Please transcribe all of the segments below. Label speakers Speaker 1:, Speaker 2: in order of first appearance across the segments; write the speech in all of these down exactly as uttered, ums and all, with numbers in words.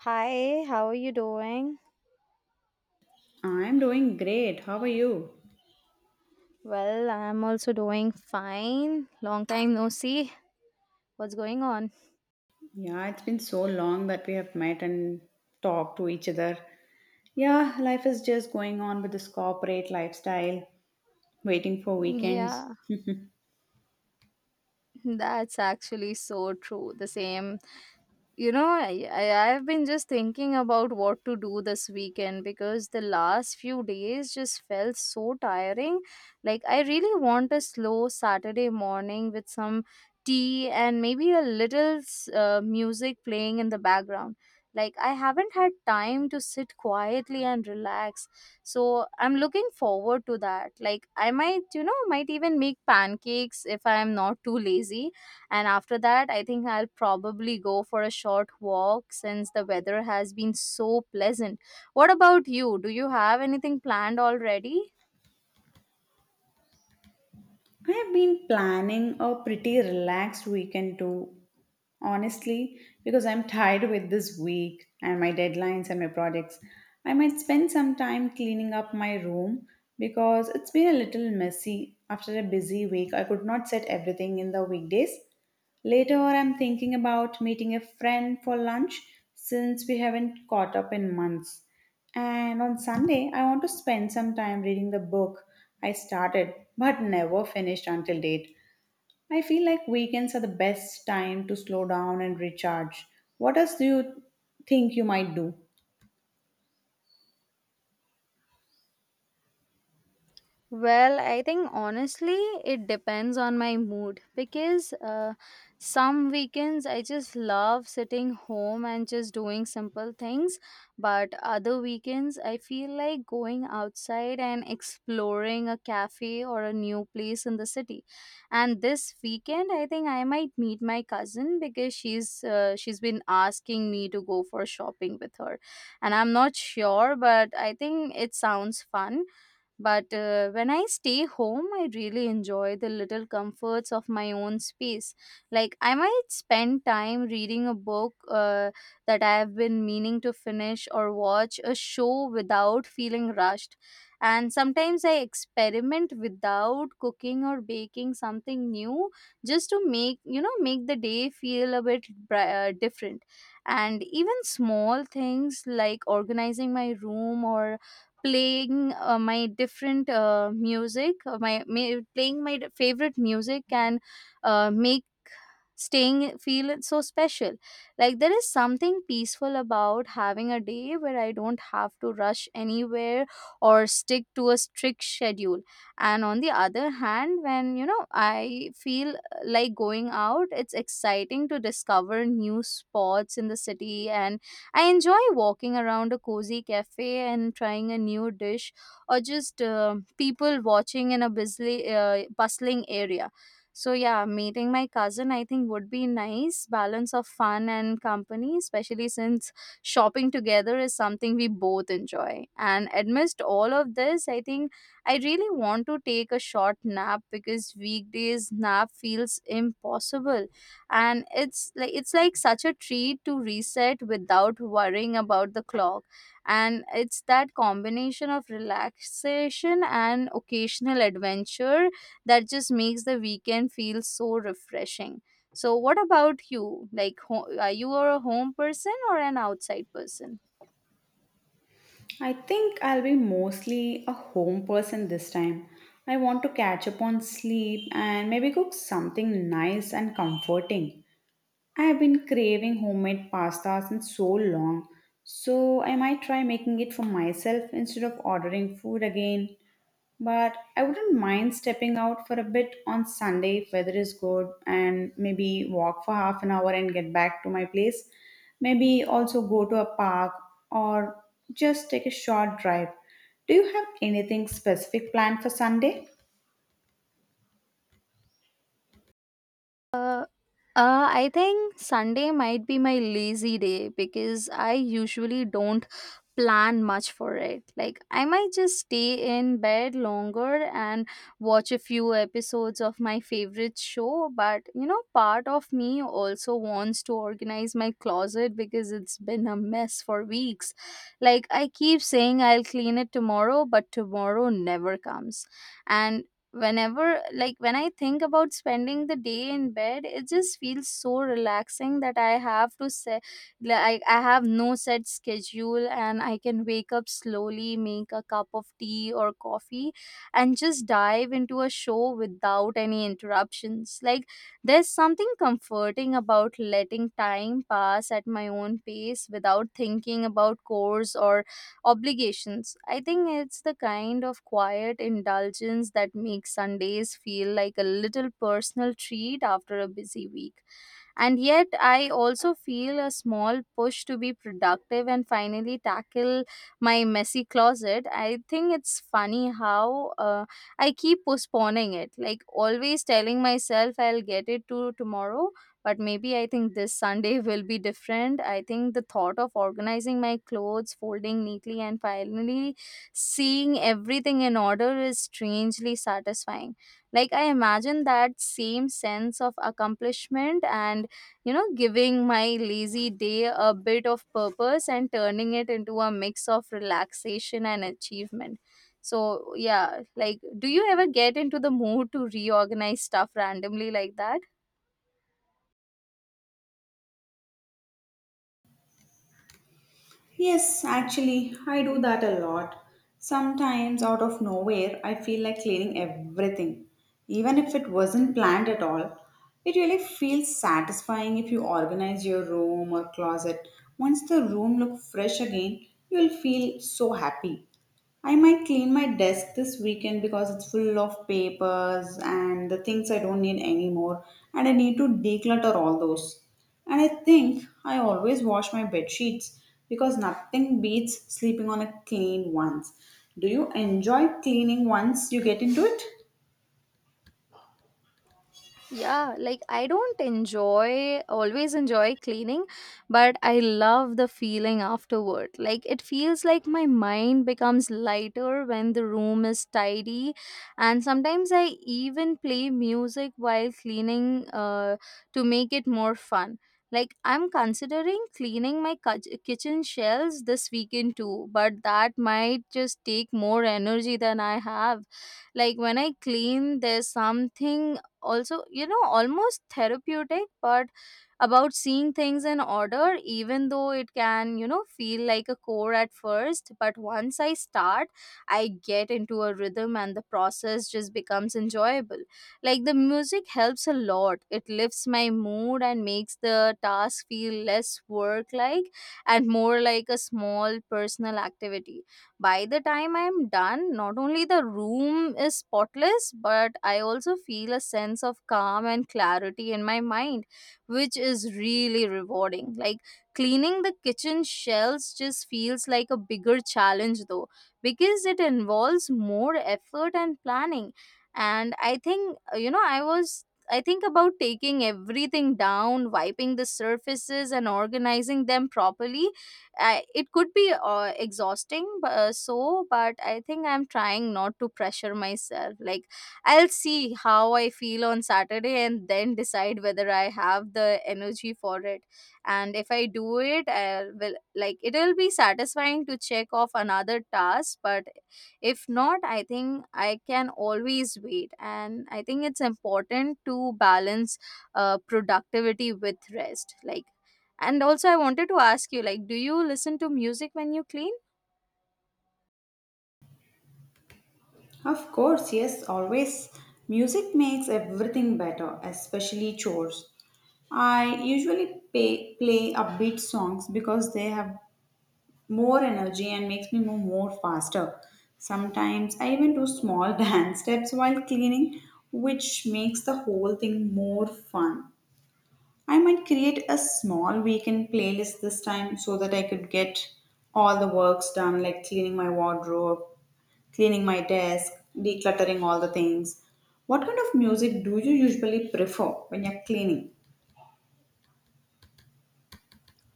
Speaker 1: Hi, how are you doing?
Speaker 2: I'm doing great. How are you?
Speaker 1: Well, I'm also doing fine. Long time no see. What's going on?
Speaker 2: Yeah, it's been so long that we have met and talked to each other. Yeah, life is just going on with this corporate lifestyle, waiting for weekends.
Speaker 1: Yeah, that's actually so true. The same. You know, I, I I've been just thinking about what to do this weekend because the last few days just felt so tiring. Like I really want a slow Saturday morning with some tea and maybe a little s- uh, music playing in the background. Like I haven't had time to sit quietly and relax. So I'm looking forward to that. Like I might, you know, might even make pancakes if I am not too lazy. And after that I think I'll probably go for a short walk since the weather has been so pleasant. What about you, do you have anything planned already?
Speaker 2: I have been planning a pretty relaxed weekend too, honestly, because I'm tired with this week and my deadlines and my projects. I might spend some time cleaning up my room because it's been a little messy after a busy week. I could not set everything in the weekdays. Later, I'm thinking about meeting a friend for lunch since we haven't caught up in months. And on Sunday, I want to spend some time reading the book I started but never finished until date. I feel like weekends are the best time to slow down and recharge. What else do you think you might do?
Speaker 1: Well, I think honestly, it depends on my mood, because uh, some weekends I just love sitting home and just doing simple things, but other weekends I feel like going outside and exploring a cafe or a new place in the city. And this weekend, I think I might meet my cousin because she's uh, she's been asking me to go for shopping with her, and I'm not sure, but I think it sounds fun. But uh, when I stay home, I really enjoy the little comforts of my own space. Like, I might spend time reading a book uh, that I have been meaning to finish, or watch a show without feeling rushed. And sometimes I experiment without cooking or baking something new just to make, you know, make the day feel a bit bri- uh, different. And even small things like organizing my room, or playing uh, my different uh, music uh, my, my playing my favorite music can uh, make staying feel so special. Like there is something peaceful about having a day where I don't have to rush anywhere or stick to a strict schedule. And on the other hand, when you know I feel uh, like going out, it's exciting to discover new spots in the city, and I enjoy walking around a cozy cafe and trying a new dish, or just uh, people watching in a busy, uh, bustling area. So, yeah, meeting my cousin I think would be nice balance of fun and company, especially since shopping together is something we both enjoy. And amidst all of this, I think I really want to take a short nap because weekdays nap feels impossible, and it's like it's like such a treat to reset without worrying about the clock. And it's that combination of relaxation and occasional adventure that just makes the weekend feel so refreshing. So what about you, like ho- are you a home person or an outside person?
Speaker 2: I think I'll be mostly a home person this time. I want to catch up on sleep and maybe cook something nice and comforting. I have been craving homemade pasta since so long, so I might try making it for myself instead of ordering food again. But I wouldn't mind stepping out for a bit on Sunday if weather is good and maybe walk for half an hour and get back to my place. Maybe also go to a park or just take a short drive. Do you have anything specific planned for Sunday?
Speaker 1: Uh, Uh, I think Sunday might be my lazy day because I usually don't plan much for it. Like, I might just stay in bed longer and watch a few episodes of my favorite show. But, you know, part of me also wants to organize my closet because it's been a mess for weeks. Like, I keep saying I'll clean it tomorrow, but tomorrow never comes. And whenever, like when I think about spending the day in bed, it just feels so relaxing that I have to say, like I have no set schedule and I can wake up slowly, make a cup of tea or coffee, and just dive into a show without any interruptions. Like there's something comforting about letting time pass at my own pace without thinking about chores or obligations. I think it's the kind of quiet indulgence that makes Sundays feel like a little personal treat after a busy week. And yet, I also feel a small push to be productive and finally tackle my messy closet. I think it's funny how uh, I keep postponing it, like always telling myself I'll get it to tomorrow. But maybe I think this Sunday will be different. I think the thought of organizing my clothes, folding neatly, and finally seeing everything in order is strangely satisfying. Like I imagine that same sense of accomplishment and, you know, giving my lazy day a bit of purpose and turning it into a mix of relaxation and achievement. So, yeah, like, do you ever get into the mood to reorganize stuff randomly like that?
Speaker 2: Yes, actually, I do that a lot. Sometimes, out of nowhere, I feel like cleaning everything, even if it wasn't planned at all. It really feels satisfying if you organize your room or closet. Once the room looks fresh again, you'll feel so happy. I might clean my desk this weekend because it's full of papers and the things I don't need anymore, and I need to declutter all those. And I think I always wash my bed sheets because nothing beats sleeping on a clean ones. Do you enjoy cleaning once you get into it?
Speaker 1: Yeah, like I don't enjoy, always enjoy cleaning, but I love the feeling afterward. Like it feels like my mind becomes lighter when the room is tidy. And sometimes I even play music while cleaning uh, to make it more fun. Like I'm considering cleaning my kitch- kitchen shelves this weekend too, but that might just take more energy than I have. Like when I clean, there's something also, you know, almost therapeutic, but about seeing things in order, even though it can, you know, feel like a chore at first. But once I start, I get into a rhythm and the process just becomes enjoyable. Like the music helps a lot, it lifts my mood and makes the task feel less work like, and more like a small personal activity. By the time I am done, not only the room is spotless, but I also feel a sense of calm and clarity in my mind, which is really rewarding. Like cleaning the kitchen shelves just feels like a bigger challenge though, because it involves more effort and planning. And I think, uh, you know, I was. I think about taking everything down, wiping the surfaces, and organizing them properly. I, it could be uh, exhausting, but, uh, so, but I think I'm trying not to pressure myself. Like, I'll see how I feel on Saturday and then decide whether I have the energy for it. And if I do it, I will, like it'll be satisfying to check off another task, but if not, I think I can always wait. And I think it's important to balance uh, productivity with rest. Like, and also, I wanted to ask you, like, do you listen to music when you clean?
Speaker 2: Of course, yes, always. Music makes everything better, especially chores. I usually pay, play upbeat songs because they have more energy and makes me move more faster. Sometimes I even do small dance steps while cleaning, which makes the whole thing more fun. I might create a small weekend playlist this time so that I could get all the works done, like cleaning my wardrobe, cleaning my desk, decluttering all the things. What kind of music do you usually prefer when you're cleaning?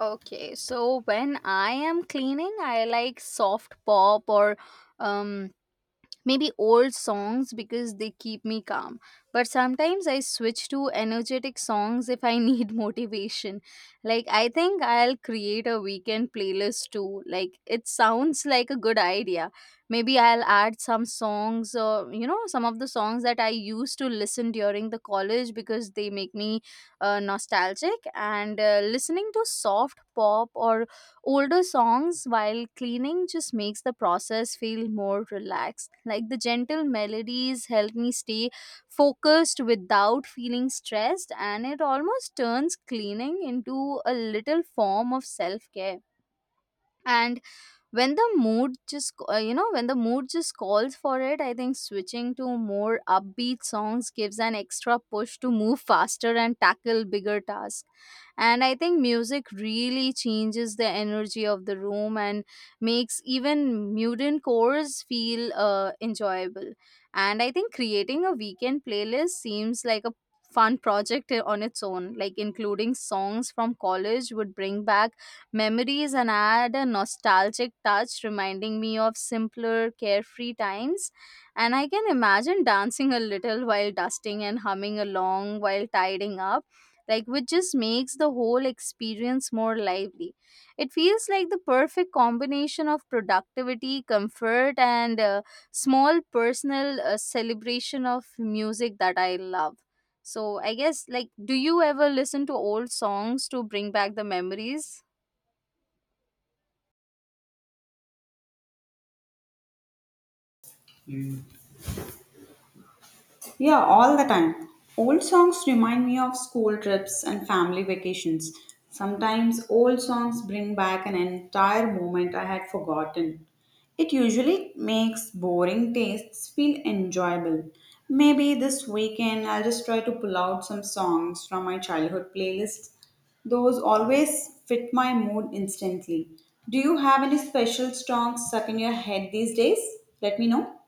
Speaker 1: Okay, so when I am cleaning, I like soft pop or um maybe old songs because they keep me calm, but sometimes I switch to energetic songs if I need motivation. Like I think I'll create a weekend playlist too, like it sounds like a good idea. Maybe I'll add some songs, or you know, some of the songs that I used to listen during the college because they make me uh, nostalgic. And uh, listening to soft pop or older songs while cleaning just makes the process feel more relaxed. Like the gentle melodies help me stay focused without feeling stressed, and it almost turns cleaning into a little form of self-care. And when the mood just c- uh, you know, when the mood just calls for it, I think switching to more upbeat songs gives an extra push to move faster and tackle bigger tasks. And I think music really changes the energy of the room and makes even mutant cores feel uh, enjoyable. And I think creating a weekend playlist seems like a fun project on its own. Like including songs from college would bring back memories and add a nostalgic touch, reminding me of simpler, carefree times. And I can imagine dancing a little while dusting and humming along while tidying up, like which just makes the whole experience more lively. It feels like the perfect combination of productivity, comfort, and uh, small personal uh, celebration of music that I love. So I guess, like, do you ever listen to old songs to bring back the memories?
Speaker 2: Yeah, all the time. Old songs remind me of school trips and family vacations. Sometimes old songs bring back an entire moment I had forgotten. It usually makes boring tastes feel enjoyable. Maybe this weekend I'll just try to pull out some songs from my childhood playlist. Those always fit my mood instantly. Do you have any special songs stuck in your head these days? Let me know.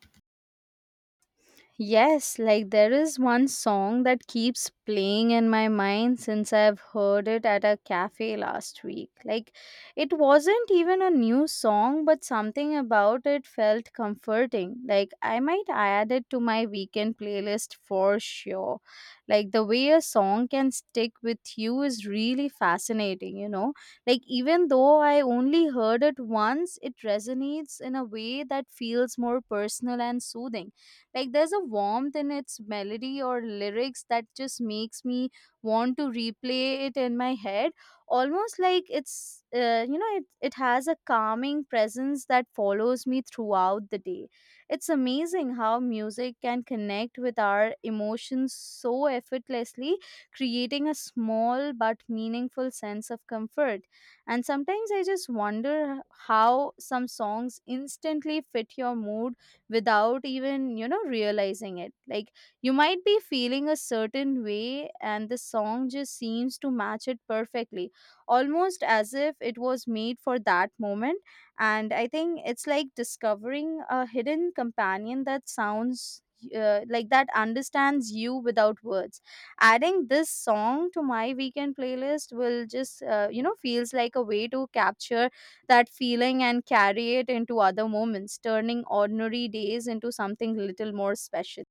Speaker 1: Yes, like there is one song that keeps playing in my mind since I've heard it at a cafe last week. Like it wasn't even a new song, but something about it felt comforting. Like I might add it to my weekend playlist for sure. Like the way a song can stick with you is really fascinating, you know? Like even though I only heard it once, it resonates in a way that feels more personal and soothing. Like there's a warmth in its melody or lyrics that just makes me want to replay it in my head, almost like it's uh, you know, it it has a calming presence that follows me throughout the day. It's amazing how music can connect with our emotions so effortlessly, creating a small but meaningful sense of comfort. And sometimes I just wonder how some songs instantly fit your mood without even you know realizing it. Like you might be feeling a certain way and the song just seems to match it perfectly, almost as if it was made for that moment. And I think it's like discovering a hidden companion that sounds uh, like that understands you without words. Adding this song to my weekend playlist will just uh, you know feels like a way to capture that feeling and carry it into other moments, turning ordinary days into something little more special.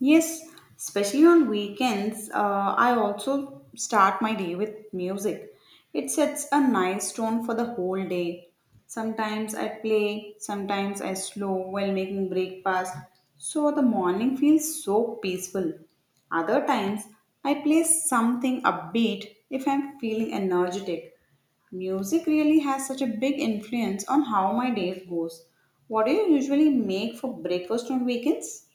Speaker 2: Yes, especially on weekends, uh, I also start my day with music. It sets a nice tone for the whole day. Sometimes I play, sometimes I slow while making breakfast, so the morning feels so peaceful. Other times, I play something upbeat if I'm feeling energetic. Music really has such a big influence on how my day goes. What do you usually make for breakfast on weekends?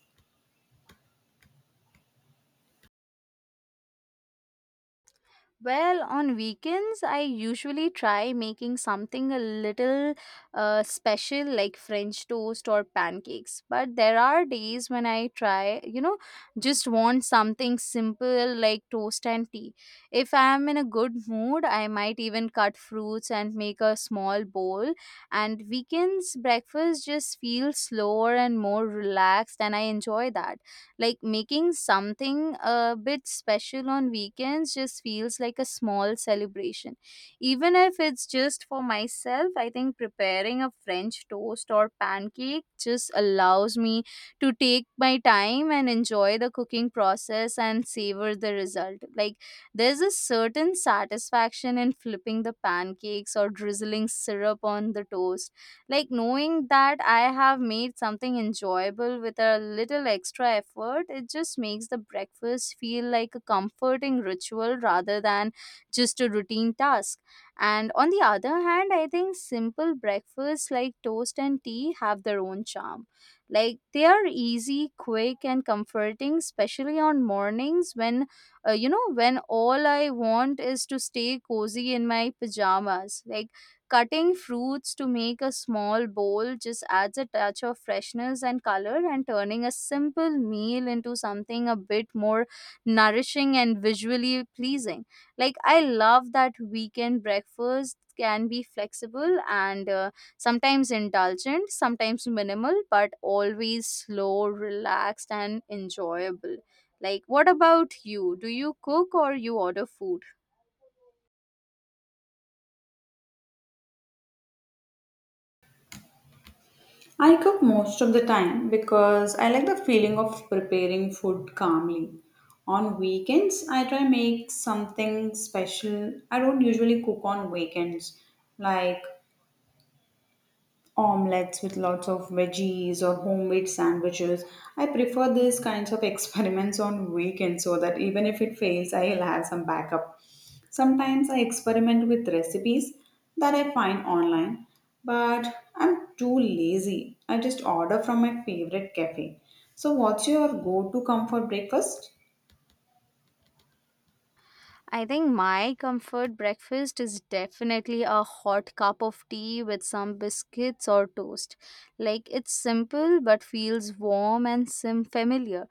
Speaker 1: Well, on weekends, I usually try making something a little uh, special like French toast or pancakes. But there are days when I try, you know, just want something simple like toast and tea. If I am in a good mood, I might even cut fruits and make a small bowl. And weekends breakfast just feels slower and more relaxed, and I enjoy that. Like making something a bit special on weekends just feels like a small celebration, even if it's just for myself. I think preparing a french toast or pancake just allows me to take my time and enjoy the cooking process and savor the result. Like there's a certain satisfaction in flipping the pancakes or drizzling syrup on the toast, like knowing that I have made something enjoyable with a little extra effort, it just makes the breakfast feel like a comforting ritual rather than just a routine task. And on the other hand, I think simple breakfasts like toast and tea have their own charm. Like they are easy, quick, and comforting, especially on mornings when, uh, you know, when all I want is to stay cozy in my pajamas. Like cutting fruits to make a small bowl just adds a touch of freshness and color, and turning a simple meal into something a bit more nourishing and visually pleasing. Like, I love that weekend breakfast can be flexible and uh, sometimes indulgent, sometimes minimal, but always slow, relaxed, and enjoyable. Like, what about you? Do you cook or you order food?
Speaker 2: I cook most of the time because I like the feeling of preparing food calmly. On weekends, I try make something special. I don't usually cook on weekends, like omelets with lots of veggies or homemade sandwiches. I prefer these kinds of experiments on weekends so that even if it fails, I'll have some backup. Sometimes I experiment with recipes that I find online, but I'm too lazy. I just order from my favorite cafe. So, what's your go to comfort breakfast?
Speaker 1: I think my comfort breakfast is definitely a hot cup of tea with some biscuits or toast. Like it's simple but feels warm and sim familiar.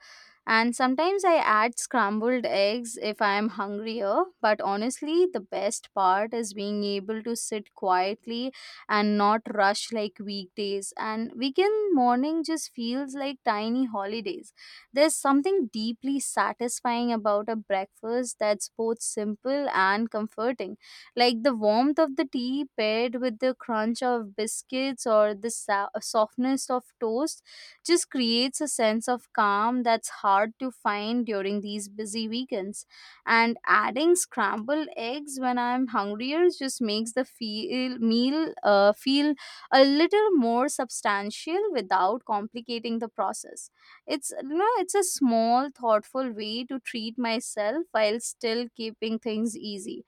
Speaker 1: And sometimes I add scrambled eggs if I am hungrier, but honestly, the best part is being able to sit quietly and not rush like weekdays. And weekend morning just feels like tiny holidays. There's something deeply satisfying about a breakfast that's both simple and comforting, like the warmth of the tea paired with the crunch of biscuits or the sa- softness of toast just creates a sense of calm that's hard to find during these busy weekends. And adding scrambled eggs when I'm hungrier just makes the feel, meal uh, feel a little more substantial without complicating the process. It's you know, it's a small, thoughtful way to treat myself while still keeping things easy.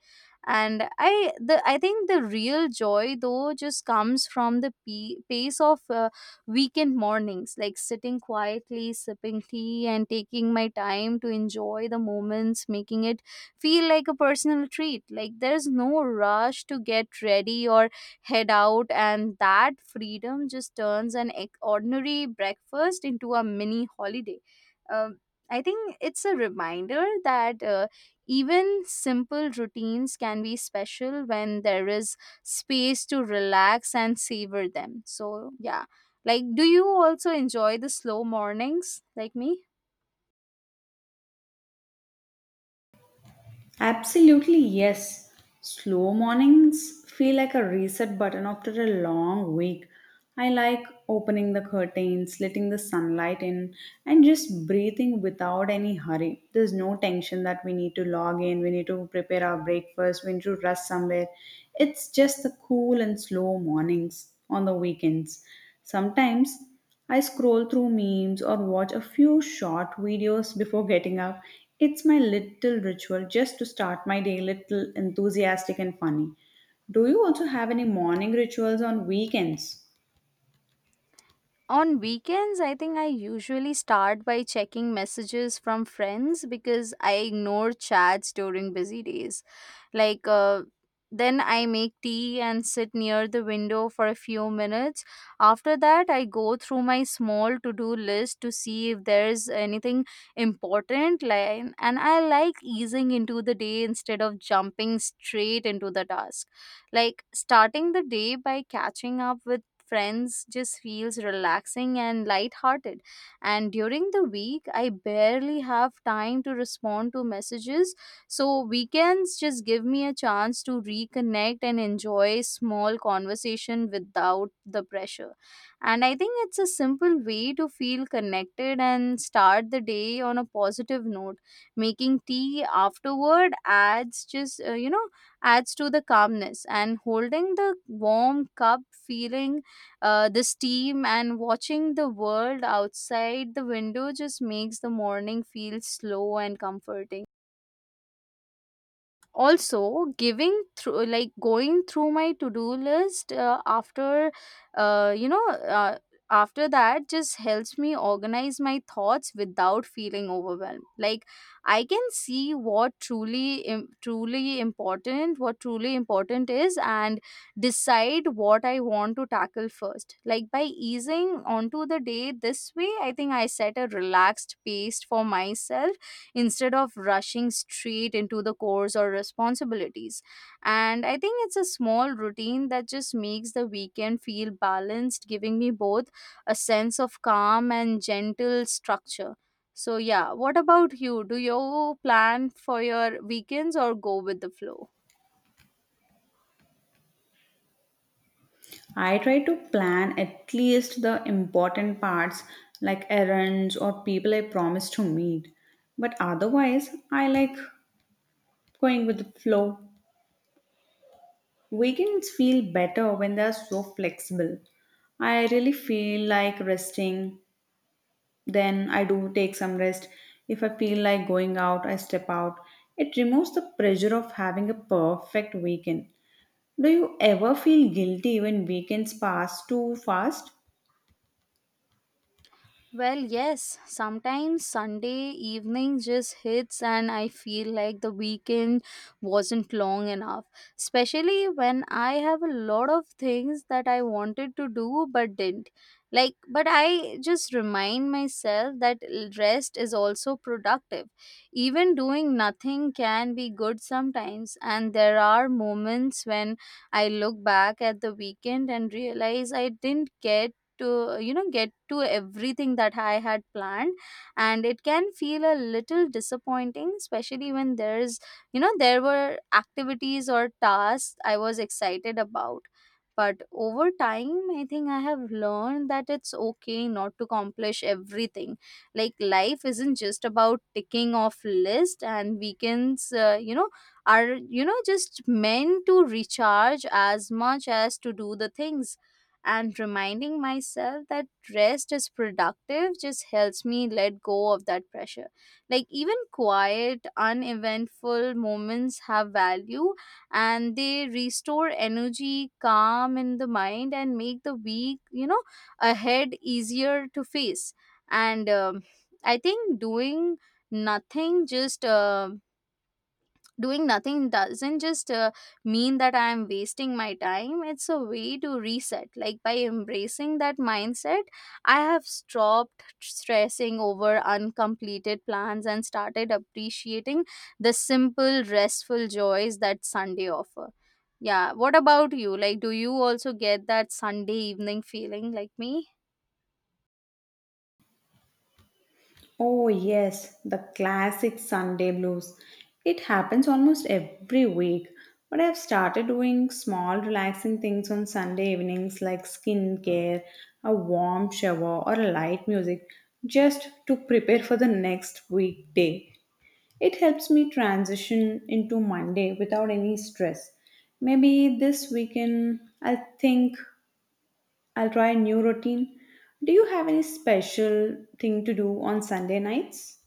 Speaker 1: And I the I think the real joy though just comes from the pe- pace of uh, weekend mornings, like sitting quietly, sipping tea, and taking my time to enjoy the moments, making it feel like a personal treat. Like there's no rush to get ready or head out, and that freedom just turns an ec- ordinary breakfast into a mini holiday. um, I think it's a reminder that uh, even simple routines can be special when there is space to relax and savor them. So yeah, like do you also enjoy the slow mornings like me?
Speaker 2: Absolutely, yes. Slow mornings feel like a reset button after a long week. I like opening the curtains, letting the sunlight in, and just breathing without any hurry. There's no tension that we need to log in, we need to prepare our breakfast, we need to rush somewhere. It's just the cool and slow mornings on the weekends. Sometimes I scroll through memes or watch a few short videos before getting up. It's my little ritual just to start my day little enthusiastic and funny. Do you also have any morning rituals on weekends?
Speaker 1: On weekends, I think I usually start by checking messages from friends because I ignore chats during busy days. Like, uh, then I make tea and sit near the window for a few minutes. After that, I go through my small to do list to see if there's anything important. Like, and I like easing into the day instead of jumping straight into the task. Like, starting the day by catching up with friends just feels relaxing and lighthearted. And during the week, I barely have time to respond to messages. So weekends just give me a chance to reconnect and enjoy small conversation without the pressure. And I think it's a simple way to feel connected and start the day on a positive note. Making tea afterward adds just, uh, you know, adds to the calmness, and holding the warm cup, feeling uh, the steam and watching the world outside the window just makes the morning feel slow and comforting. Also giving through like going through my to do list uh, after uh, you know uh, after that just helps me organize my thoughts without feeling overwhelmed. Like I can see what truly im- truly important, what truly important is, and decide what I want to tackle first. Like by easing onto the day this way, I think I set a relaxed pace for myself instead of rushing straight into the chores or responsibilities. And I think it's a small routine that just makes the weekend feel balanced, giving me both a sense of calm and gentle structure. So, yeah, what about you? Do you plan for your weekends or go with the flow?
Speaker 2: I try to plan at least the important parts like errands or people I promise to meet. But otherwise, I like going with the flow. Weekends feel better when they are so flexible. I really feel like resting. Then I do take some rest. If I feel like going out, I step out. It removes the pressure of having a perfect weekend. Do you ever feel guilty when weekends pass too fast?
Speaker 1: Well, yes, sometimes Sunday evening just hits, and I feel like the weekend wasn't long enough. Especially when I have a lot of things that I wanted to do but didn't. Like, but I just remind myself that l- rest is also productive. Even doing nothing can be good sometimes, and there are moments when I look back at the weekend and realize I didn't get to you know get to everything that I had planned, and it can feel a little disappointing, especially when there's you know there were activities or tasks I was excited about. But over time, I think I have learned that it's okay not to accomplish everything. Like life isn't just about ticking off list, and weekends uh, you know are you know just meant to recharge as much as to do the things. And reminding myself that rest is productive just helps me let go of that pressure. Like, even quiet, uneventful moments have value, and they restore energy, calm in the mind, and make the week, you know, ahead easier to face. And um, I think doing nothing just uh, doing nothing doesn't just uh, mean that I am wasting my time. It's a way to reset. Like by embracing that mindset, I have stopped stressing over uncompleted plans and started appreciating the simple restful joys that Sunday offer. Yeah, what about you, like do you also get that Sunday evening feeling like me?
Speaker 2: Oh, yes, the classic Sunday blues. It happens almost every week, but I've started doing small, relaxing things on Sunday evenings like skincare, a warm shower, or light music just to prepare for the next weekday. It helps me transition into Monday without any stress. Maybe this weekend I'll think I'll try a new routine. Do you have any special thing to do on Sunday nights?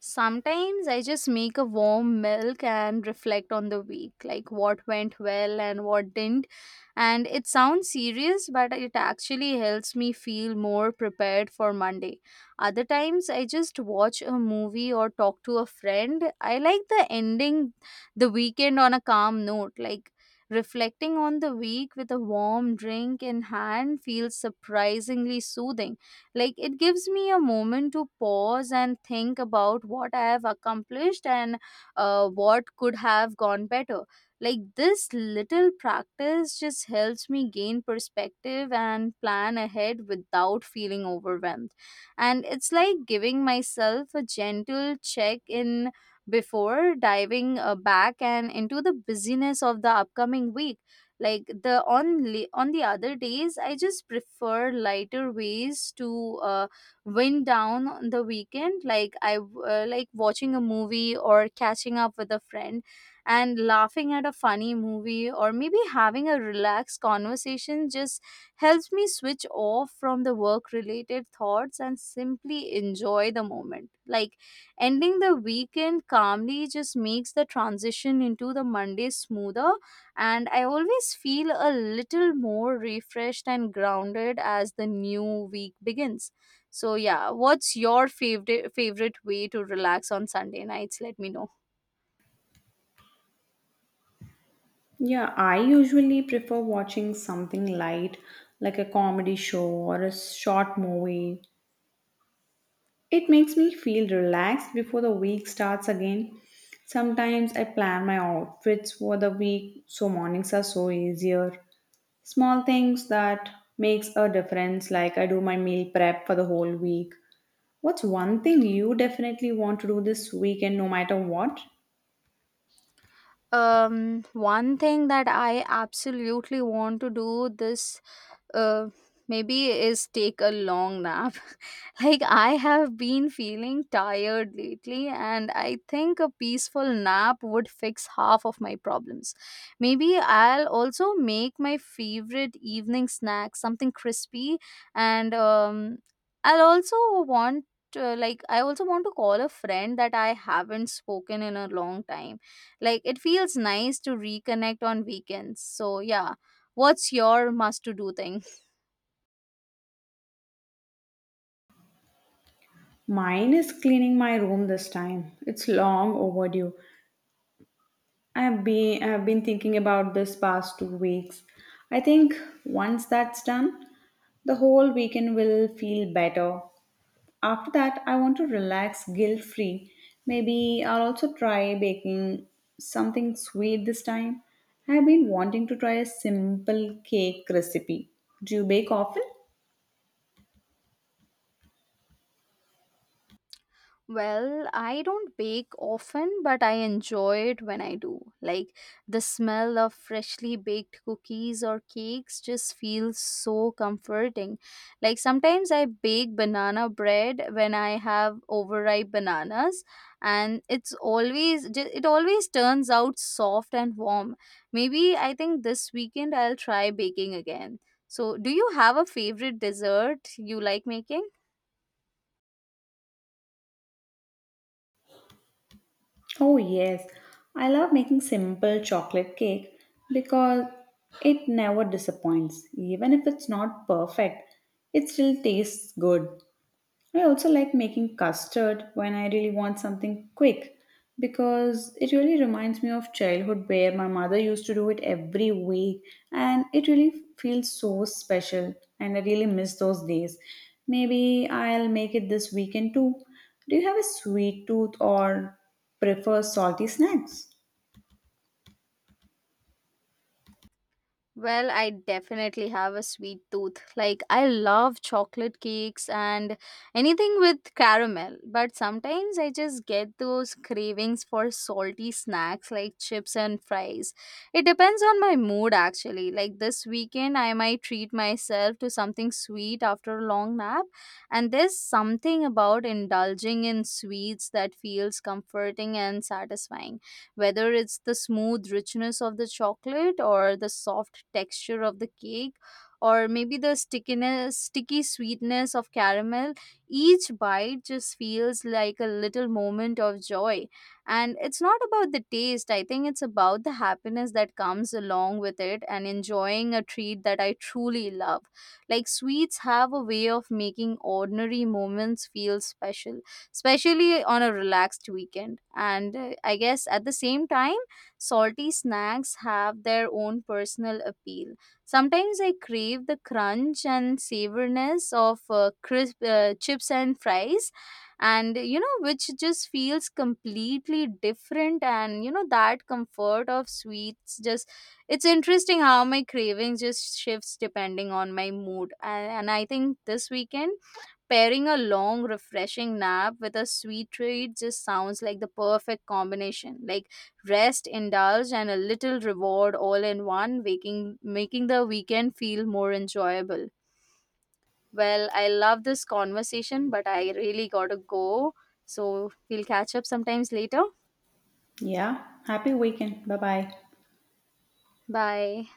Speaker 1: Sometimes I just make a warm milk and reflect on the week, like what went well and what didn't. And it sounds serious, but it actually helps me feel more prepared for Monday. Other times I just watch a movie or talk to a friend. I like the ending the weekend on a calm note, like reflecting on the week with a warm drink in hand feels surprisingly soothing. Like it gives me a moment to pause and think about what I have accomplished and uh, what could have gone better. Like this little practice just helps me gain perspective and plan ahead without feeling overwhelmed. And it's like giving myself a gentle check in before diving uh, back and into the busyness of the upcoming week. Like the on li- on the other days I just prefer lighter ways to uh, wind down on the weekend, like i w- uh, like watching a movie or catching up with a friend, and laughing at a funny movie or maybe having a relaxed conversation just helps me switch off from the work related thoughts and simply enjoy the moment. Like ending the weekend calmly just makes the transition into the Monday smoother, and I always feel a little more refreshed and grounded as the new week begins. So yeah, what's your favorite favorite way to relax on Sunday nights? Let me know.
Speaker 2: Yeah, I usually prefer watching something light like a comedy show or a short movie. It makes me feel relaxed before the week starts again. Sometimes I plan my outfits for the week so mornings are so easier. Small things that makes a difference, like I do my meal prep for the whole week. What's one thing you definitely want to do this weekend no matter what?
Speaker 1: Um, one thing that I absolutely want to do this uh, maybe is take a long nap. Like I have been feeling tired lately and I think a peaceful nap would fix half of my problems. Maybe I'll also make my favorite evening snack, something crispy, and um, I'll also want to, like I also want to call a friend that I haven't spoken in a long time. Like it feels nice to reconnect on weekends. So yeah, what's your must to do thing?
Speaker 2: Mine is cleaning my room this time. It's long overdue. I have been I have been thinking about this past two weeks. I think once that's done, the whole weekend will feel better. After that, I want to relax guilt free. Maybe I'll also try baking something sweet this time. I've been wanting to try a simple cake recipe. Do you bake often?
Speaker 1: Well, I don't bake often, but I enjoy it when I do. Like the smell of freshly baked cookies or cakes just feels so comforting. Like sometimes I bake banana bread when I have overripe bananas, and it's always ju- it always turns out soft and warm. Maybe I think this weekend I'll try baking again. So, do you have a favorite dessert you like making?
Speaker 2: Oh, yes. I love making simple chocolate cake because it never disappoints. Even if it's not perfect, it still tastes good. I also like making custard when I really want something quick because it really reminds me of childhood where my mother used to do it every week and it really feels so special and I really miss those days. Maybe I'll make it this weekend too. Do you have a sweet tooth or prefer salty snacks?
Speaker 1: Well, I definitely have a sweet tooth. Like, I love chocolate cakes and anything with caramel, but sometimes I just get those cravings for salty snacks like chips and fries. It depends on my mood, actually. Like, this weekend, I might treat myself to something sweet after a long nap, and there's something about indulging in sweets that feels comforting and satisfying, whether it's the smooth richness of the chocolate or the soft soft texture of the cake, or maybe the stickiness sticky sweetness of caramel. Each bite just feels like a little moment of joy, and it's not about the taste. I think it's about the happiness that comes along with it and enjoying a treat that I truly love. Like sweets have a way of making ordinary moments feel special, especially on a relaxed weekend. And uh, I guess at the same time salty snacks have their own personal appeal. Sometimes I crave the crunch and savoriness of uh, crisp uh, chips and fries, and you know, which just feels completely different. And you know, that comfort of sweets just, it's interesting how my craving just shifts depending on my mood. And, and I think this weekend, pairing a long, refreshing nap with a sweet treat just sounds like the perfect combination. Like rest, indulge, and a little reward all in one, making making the weekend feel more enjoyable. Well, I love this conversation, but I really gotta go. So we'll catch up sometimes later.
Speaker 2: Yeah, happy weekend. Bye bye.
Speaker 1: Bye.